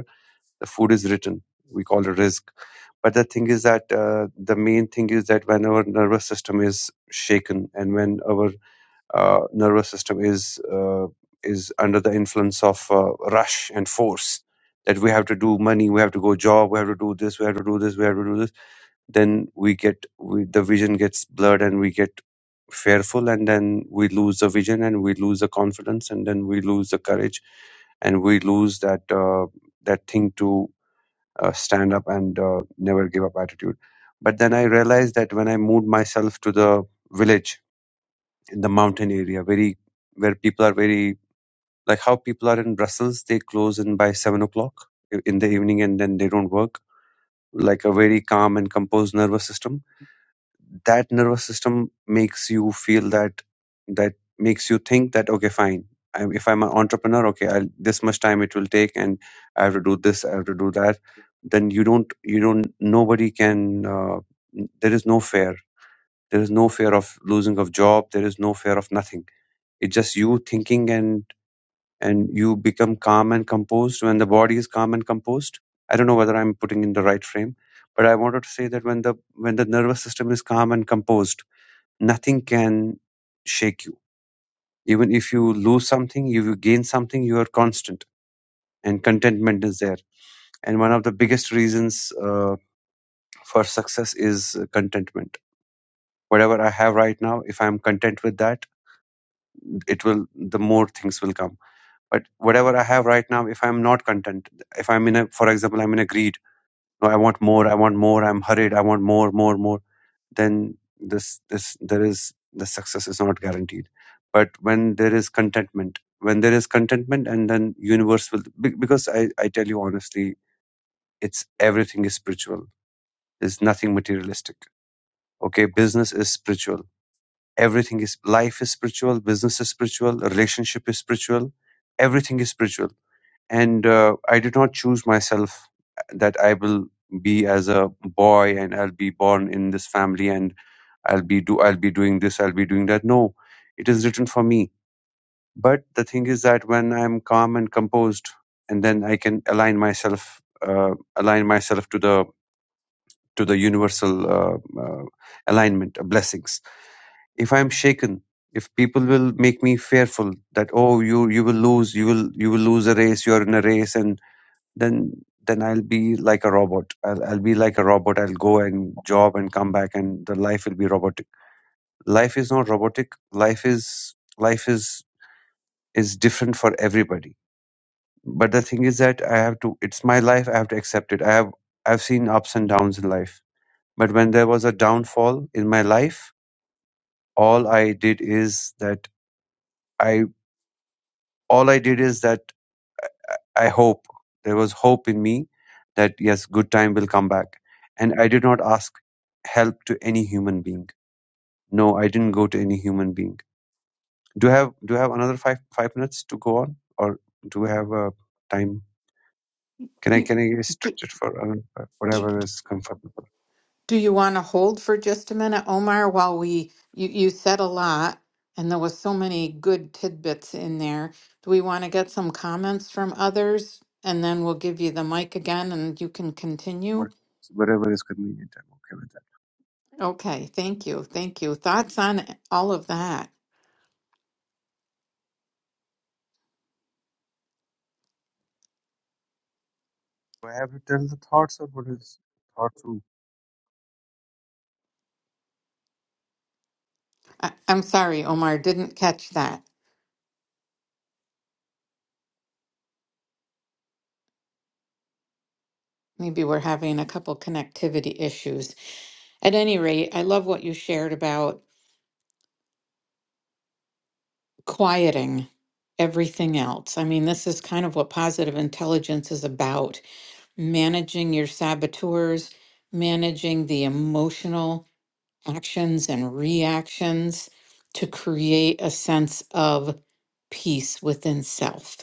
[SPEAKER 6] the food is written we call it risk but the thing is that uh, the main thing is that when our nervous system is shaken and when our uh, nervous system is uh, is under the influence of uh, rush and force that we have to do money we have to go job we have to do this we have to do this we have to do this then we get we, the vision gets blurred and we get fearful and then we lose the vision and we lose the confidence and then we lose the courage and we lose that uh, that thing to uh, stand up and uh, never give up attitude. But then I realized that when I moved myself to the village in the mountain area, very where people are very like how people are in Brussels, they close in by seven o'clock i- in the evening and then they don't work. Like a very calm and composed nervous system that nervous system makes you feel that that makes you think that okay fine I'm, if i'm an entrepreneur okay I'll, this much time it will take and i have to do this i have to do that then you don't you don't nobody can uh, n- there is no fear there is no fear of losing of job there is no fear of nothing it's just you thinking and and you become calm and composed when the body is calm and composed i don't know whether i'm putting in the right frame but i wanted to say that when the when the nervous system is calm and composed nothing can shake you. Even if you lose something, if you gain something, you are constant and contentment is there. And one of the biggest reasons uh, for success is uh, contentment. Whatever I have right now, if I'm content with that, it will, the more things will come. But whatever I have right now, if I'm not content, if I'm in a, for example, I'm in a greed, no, I want more, I want more, I'm hurried, I want more, more, more then this this there is the success is not guaranteed but when there is contentment when there is contentment and then universe will be- because i i tell you honestly it's everything is spiritual there's nothing materialistic okay business is spiritual everything is life is spiritual business is spiritual relationship is spiritual everything is spiritual and uh, i did not choose myself that i will be as a boy and i'll be born in this family and I'll be do I'll be doing this, I'll be doing that. No, it is written for me. But the thing is that when I'm calm and composed, and then I can align myself, uh, align myself to the to the universal uh, uh, alignment of blessings. If I'm shaken, if people will make me fearful that oh you you will lose, you will you will lose a race, you are in a race, and then then I'll be like a robot. I'll, I'll be like a robot. I'll go and job and come back, and the life will be robotic life is not robotic life is life is is different for everybody but the thing is that i have to it's my life i have to accept it i have i've seen ups and downs in life but when there was a downfall in my life all i did is that i all i did is that i hope there was hope in me that yes good time will come back and i did not ask help to any human being no i didn't go to any human being do you have do you have another five five minutes to go on or do we have a time can i
[SPEAKER 1] You,
[SPEAKER 6] can i stretch it for another five- whatever is comfortable
[SPEAKER 1] Do you want to hold for just a minute, Omar, while we, you, you said a lot and there was so many good tidbits in there. Do we want to get some comments from others? And then we'll give you the mic again and you can continue.
[SPEAKER 6] what- whatever is convenient i'm okay with that
[SPEAKER 1] Okay, thank you. Thank you. Thoughts on all of that?
[SPEAKER 6] do i have to tell the thoughts or what is thoughts
[SPEAKER 1] I, I'm sorry, Omar, didn't catch that. Maybe we're having a couple connectivity issues. At any rate, I love what you shared about quieting everything else. I mean, this is kind of what positive intelligence is about managing your saboteurs, managing the emotional actions and reactions to create a sense of peace within self.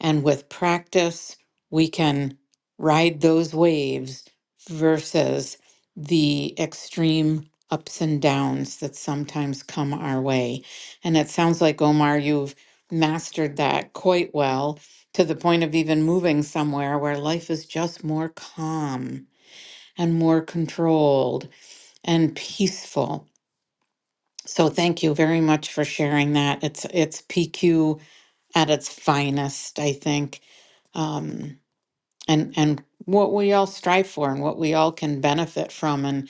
[SPEAKER 1] And with practice, we can ride those waves versus the extreme ups and downs that sometimes come our way. And it sounds like, Omar, you've mastered that quite well to the point of even moving somewhere where life is just more calm and more controlled and peaceful. So thank you very much for sharing that. It's it's PQ at its finest, I think. Um, and and what we all strive for and what we all can benefit from and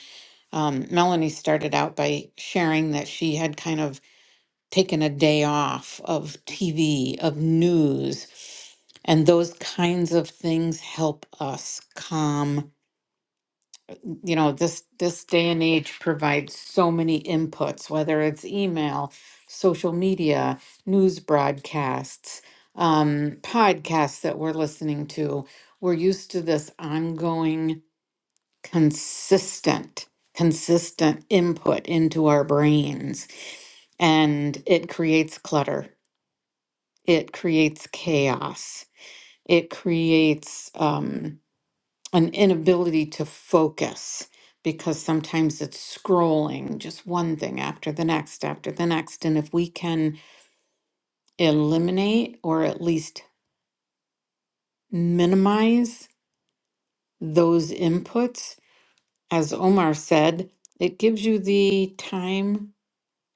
[SPEAKER 1] um, melanie started out by sharing that she had kind of taken a day off of tv of news and those kinds of things help us calm you know this this day and age provides so many inputs whether it's email social media news broadcasts um, podcasts that we're listening to we're used to this ongoing consistent, consistent input into our brains. And it creates clutter, it creates chaos, it creates um, an inability to focus because sometimes it's scrolling just one thing after the next, after the next. And if we can eliminate or at least minimize those inputs, as Omar said, it gives you the time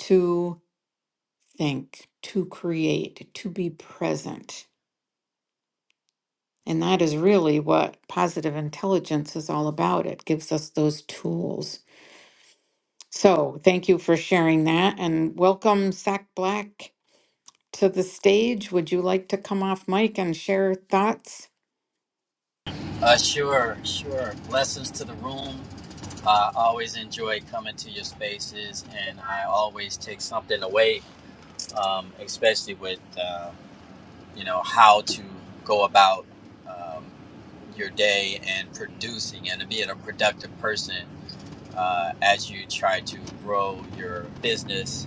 [SPEAKER 1] to think, to create, to be present. And that is really what positive intelligence is all about. It gives us those tools. So thank you for sharing that and welcome, Sack Black, to the stage. Would you like to come off mic and share thoughts?
[SPEAKER 7] Uh, sure, sure. Blessings to the room. I always enjoy coming to your spaces, and I always take something away, um, especially with uh, you know how to go about um, your day and producing and being a productive person uh, as you try to grow your business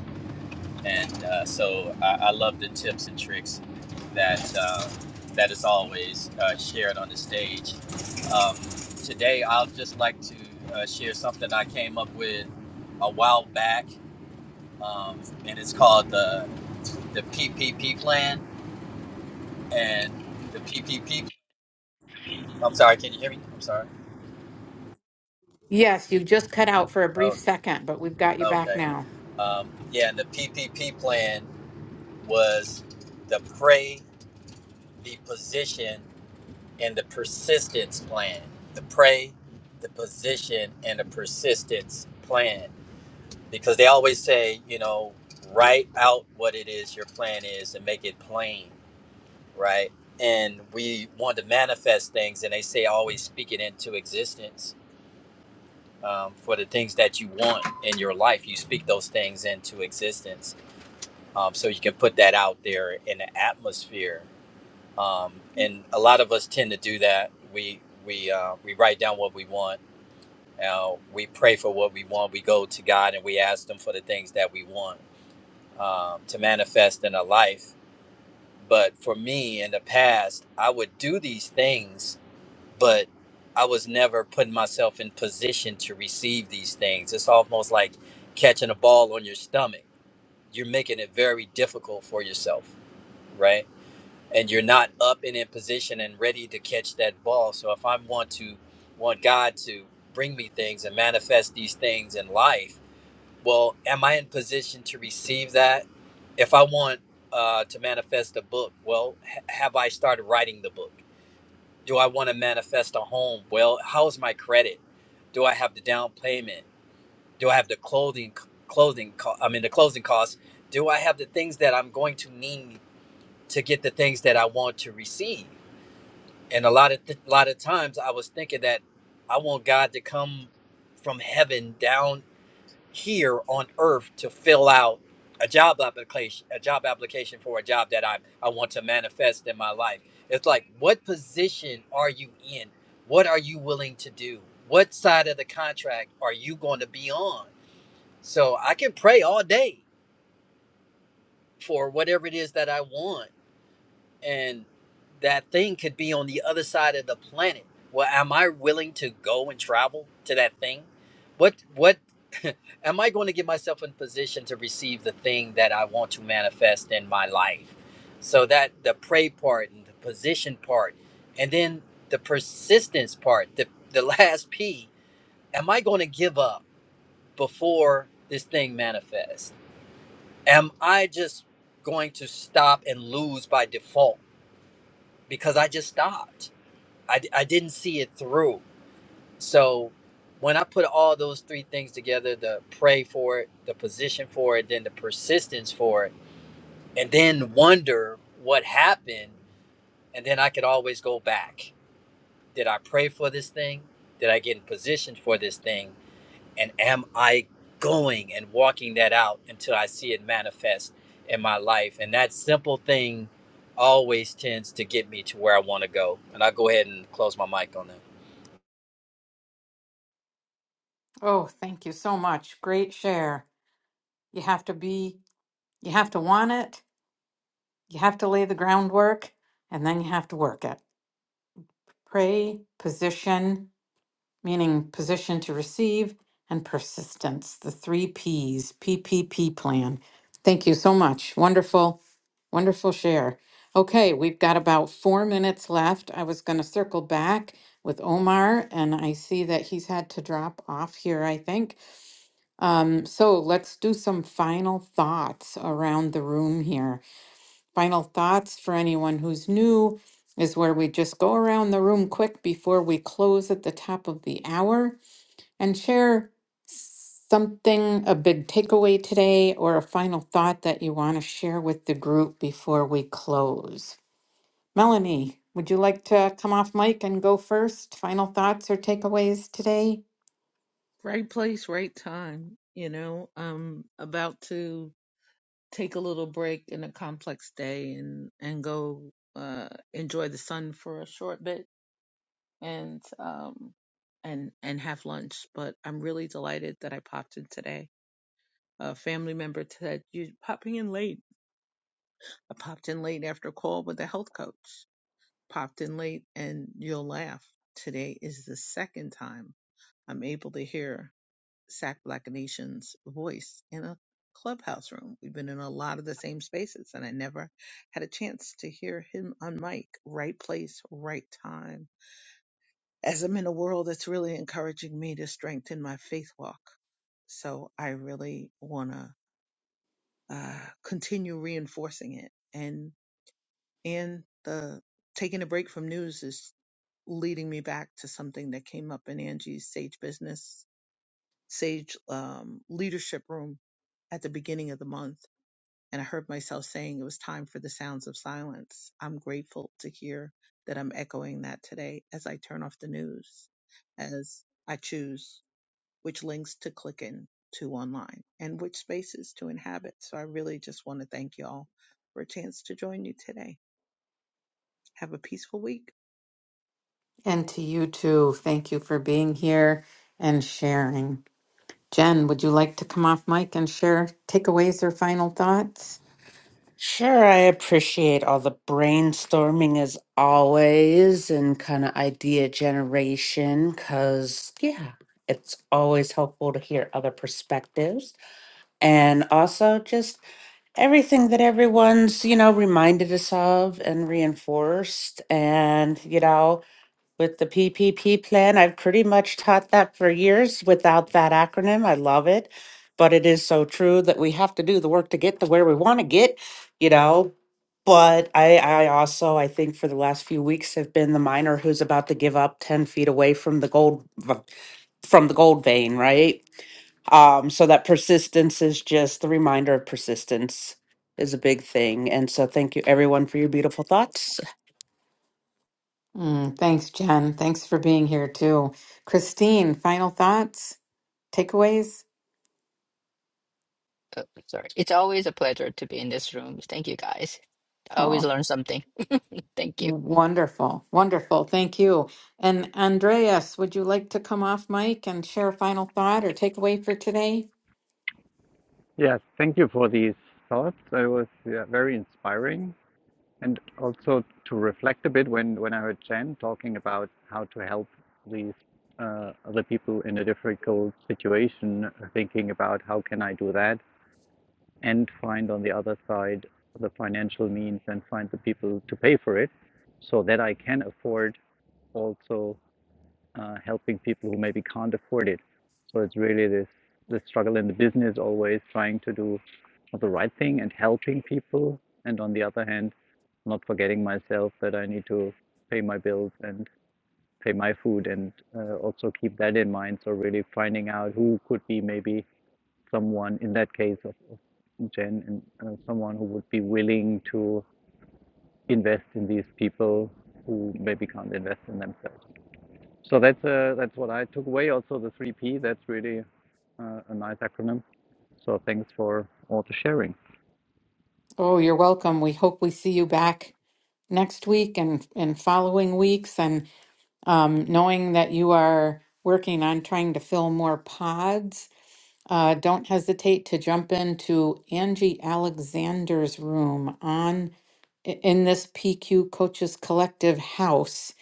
[SPEAKER 7] and uh, so I, I love the tips and tricks that uh, that is always uh, shared on the stage. Um, today, I'll just like to uh, share something I came up with a while back, um, and it's called the the PPP plan. And the PPP, I'm sorry, can you hear me? I'm sorry.
[SPEAKER 1] Yes, you just cut out for a
[SPEAKER 7] Oh,
[SPEAKER 1] brief second, but we've got you back
[SPEAKER 7] okay.
[SPEAKER 1] now.
[SPEAKER 7] Um, yeah, and the PPP plan was the pray, the position. and the persistence plan. The pray, the position, and the persistence plan. Because they always say, you know, write out what it is your plan is and make it plain, right? And we want to manifest things, and they say always speak it into existence. Um, for the things that you want in your life, you speak those things into existence, um, so you can put that out there in the atmosphere um, and a lot of us tend to do that. We we uh, we write down what we want. Uh, we pray for what we want. We go to God and we ask Him for the things that we want um, to manifest in our life. But for me, in the past, I would do these things, but I was never putting myself in position to receive these things. It's almost like catching a ball on your stomach. You're making it very difficult for yourself, right? and you're not up and in position and ready to catch that ball. So if I want to want God to bring me things and manifest these things in life, well, am I in position to receive that? If I want uh, to manifest a book, well, ha- have I started writing the book? Do I want to manifest a home? Well, how's my credit? Do I have the down payment? Do I have the clothing clothing co- I mean the closing costs? Do I have the things that I'm going to need to get the things that I want to receive? and a lot of th- a lot of times I was thinking that I want God to come from heaven down here on earth to fill out a job application a job application for a job that I I want to manifest in my life. It's like what position are you in? What are you willing to do? What side of the contract are you going to be on? So I can pray all day for whatever it is that I want and that thing could be on the other side of the planet. Well, am I willing to go and travel to that thing? What what am I going to get myself in position to receive the thing that I want to manifest in my life? So that the pray part and the position part and then the persistence part, the the last P, am I going to give up before this thing manifests? Am I just going to stop and lose by default? because I just stopped. I I d- I didn't see it through. So when I put all those three things together the pray for it, the position for it, then the persistence for it, and then wonder what happened, and then I could always go back. Did I pray for this thing? Did I get in position for this thing? And am I going and walking that out until I see it manifest in my life? And that simple thing always tends to get me to where I want to go. And I'll go ahead and close my mic on that.
[SPEAKER 1] Oh, thank you so much. Great share. You have to be, you have to want it, you have to lay the groundwork, and then you have to work it. Pray, position, meaning position to receive, and persistence, the three Ps, PPP plan. Thank you so much. Wonderful, wonderful share. Okay, we've got about four minutes left. I was going to circle back with Omar, and I see that he's had to drop off here, I think. Um, so let's do some final thoughts around the room here final thoughts for anyone who's new is where we just go around the room quick before we close at the top of the hour and share something, a big takeaway today, or a final thought that you want to share with the group before we close. Melanie, would you like to come off mic and go first? Final thoughts or takeaways today?
[SPEAKER 5] Right place, right time. You know, I'm about to take a little break in a complex day and and go uh enjoy the sun for a short bit. and um and and have lunch. But I'm really delighted that I popped in today. A family member said you popping in late. I popped in late after a call with a health coach. Popped in late, and you'll laugh. Today is the second time I'm able to hear Sack Black Nation's voice in a clubhouse room. We've been in a lot of the same spaces, and I never had a chance to hear him on mic. Right place, right time as I'm in a world that's really encouraging me to strengthen my faith walk. So I really want to uh, continue reinforcing it. And and the taking a break from news is leading me back to something that came up in Angie's Sage Business Sage um, Leadership Room at the beginning of the month. And I heard myself saying it was time for the sounds of silence. I'm grateful to hear that I'm echoing that today as I turn off the news, as I choose. which links to click in to online and which spaces to inhabit. So I really just want to thank y'all for a chance to join you today. Have a peaceful week.
[SPEAKER 1] And to you too, thank you for being here and sharing. Jen, would you like to come off mic and share takeaways or final thoughts?
[SPEAKER 2] Sure, I appreciate all the brainstorming as always and kind of idea generation because, yeah, it's always helpful to hear other perspectives. And also just everything that everyone's, you know, reminded us of and reinforced. And, you know, with the PPP plan. I've pretty much taught that for years without that acronym. I love it. But it is so true that we have to do the work to get to where we want to get, you know. But I, I also, I think for the last few weeks have been the miner who's about to give up 10 feet away from the gold, v- from the gold vein, right? Um, so that persistence is just the reminder of persistence is a big thing. And so thank you everyone for your beautiful thoughts.
[SPEAKER 1] Mm, thanks, Jen. Thanks for being here too. Christine, final thoughts, takeaways?
[SPEAKER 3] Oh, sorry. It's always a pleasure to be in this room. Thank you guys. I always
[SPEAKER 1] Oh,
[SPEAKER 3] learn something. Thank you.
[SPEAKER 1] wonderful. Wonderful. Thank you. And Andreas, would you like to come off mic and share a final thought or takeaway for today?
[SPEAKER 4] Yes, thank you for these thoughts. It was yeah, very inspiring, and also to reflect a bit when when I heard Jen talking about how to help these uh, other people in a difficult situation, thinking about how can I do that and find on the other side the financial means and find the people to pay for it so that I can afford also uh, helping people who maybe can't afford it. So it's really this the struggle in the business always trying to do the right thing and helping people and on the other hand not forgetting myself that I need to pay my bills and pay my food and uh, also keep that in mind. So really finding out who could be maybe someone, in that case of, of Jen, and uh, someone who would be willing to invest in these people who maybe can't invest in themselves. So that's uh, that's what I took away. Also, the three P. That's really uh, a nice acronym. So thanks for all the sharing.
[SPEAKER 1] Oh, you're welcome. We hope we see you back next week and in following weeks and um, knowing that you are working on trying to fill more pods Uh, don't hesitate to jump into Angie Alexander's room on i- in this PQ Coaches Collective house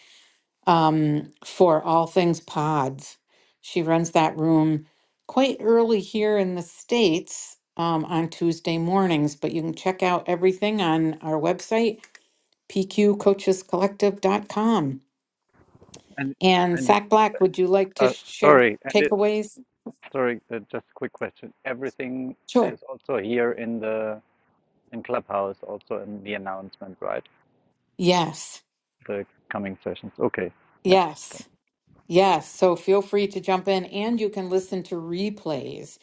[SPEAKER 1] um, for all things pods. She runs that room quite early here in the States um, on Tuesday mornings, but you can check out everything on our website, pqcoachescollective.com.
[SPEAKER 4] And
[SPEAKER 1] And
[SPEAKER 4] and it,
[SPEAKER 1] Sack Black, would you like to
[SPEAKER 4] uh,
[SPEAKER 1] share
[SPEAKER 4] sorry, and it
[SPEAKER 1] takeaways?
[SPEAKER 4] sorry, uh, just a quick question. Everything
[SPEAKER 1] Sure.
[SPEAKER 4] is also here in the in Clubhouse, also in the announcement, right?
[SPEAKER 1] Yes.
[SPEAKER 4] The coming sessions. Okay. Yeah.
[SPEAKER 1] Yes. Yes, so feel free to jump in and you can listen to replays.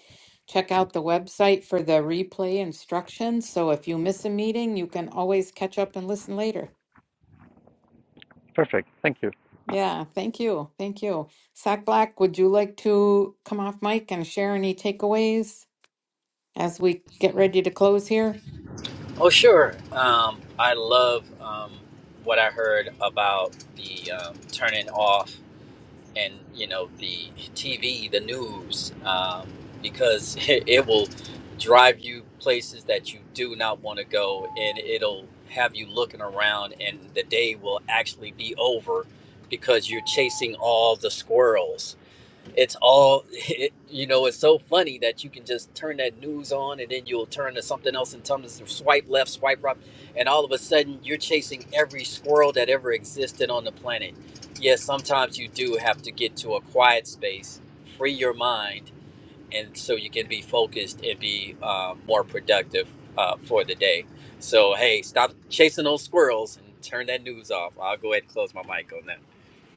[SPEAKER 1] Check out the website for the replay instructions. So if you miss a meeting, you can always catch up and listen later.
[SPEAKER 4] Perfect. Thank you.
[SPEAKER 1] Yeah, thank you. Thank you. Sack Black, would you like to come off mic and share any takeaways as we get ready to close here?
[SPEAKER 7] Oh, sure. Um, I love um, what I heard about the um, turning off. and you know the TV, the news, um, because it, it will drive you places that you do not want to go, and it'll have you looking around, and the day will actually be over because you're chasing all the squirrels it's all it, you know it's so funny that you can just turn that news on and then you'll turn to something else and turn to swipe left swipe right and all of a sudden you're chasing every squirrel that ever existed on the planet yes sometimes you do have to get to a quiet space free your mind and so you can be focused and be uh, more productive uh, for the day so hey stop chasing those squirrels and turn that news off i'll go ahead and close my mic on that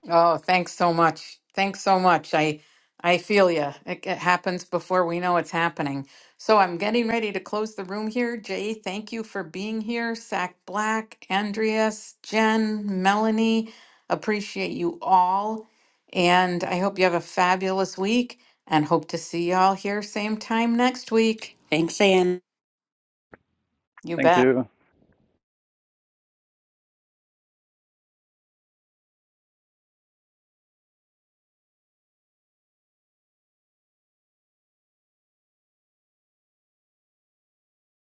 [SPEAKER 1] Oh, thanks so much. Thanks so much. I I feel you. It, it happens before we know it's happening. So I'm getting ready to close the room here. Jay, thank you for being here. Sack Black, Andreas, Jen, Melanie, appreciate you all. And I hope you have a fabulous week and hope to see y'all here same time next week.
[SPEAKER 2] Thanks, Anne.
[SPEAKER 1] You bet.
[SPEAKER 4] Thank you.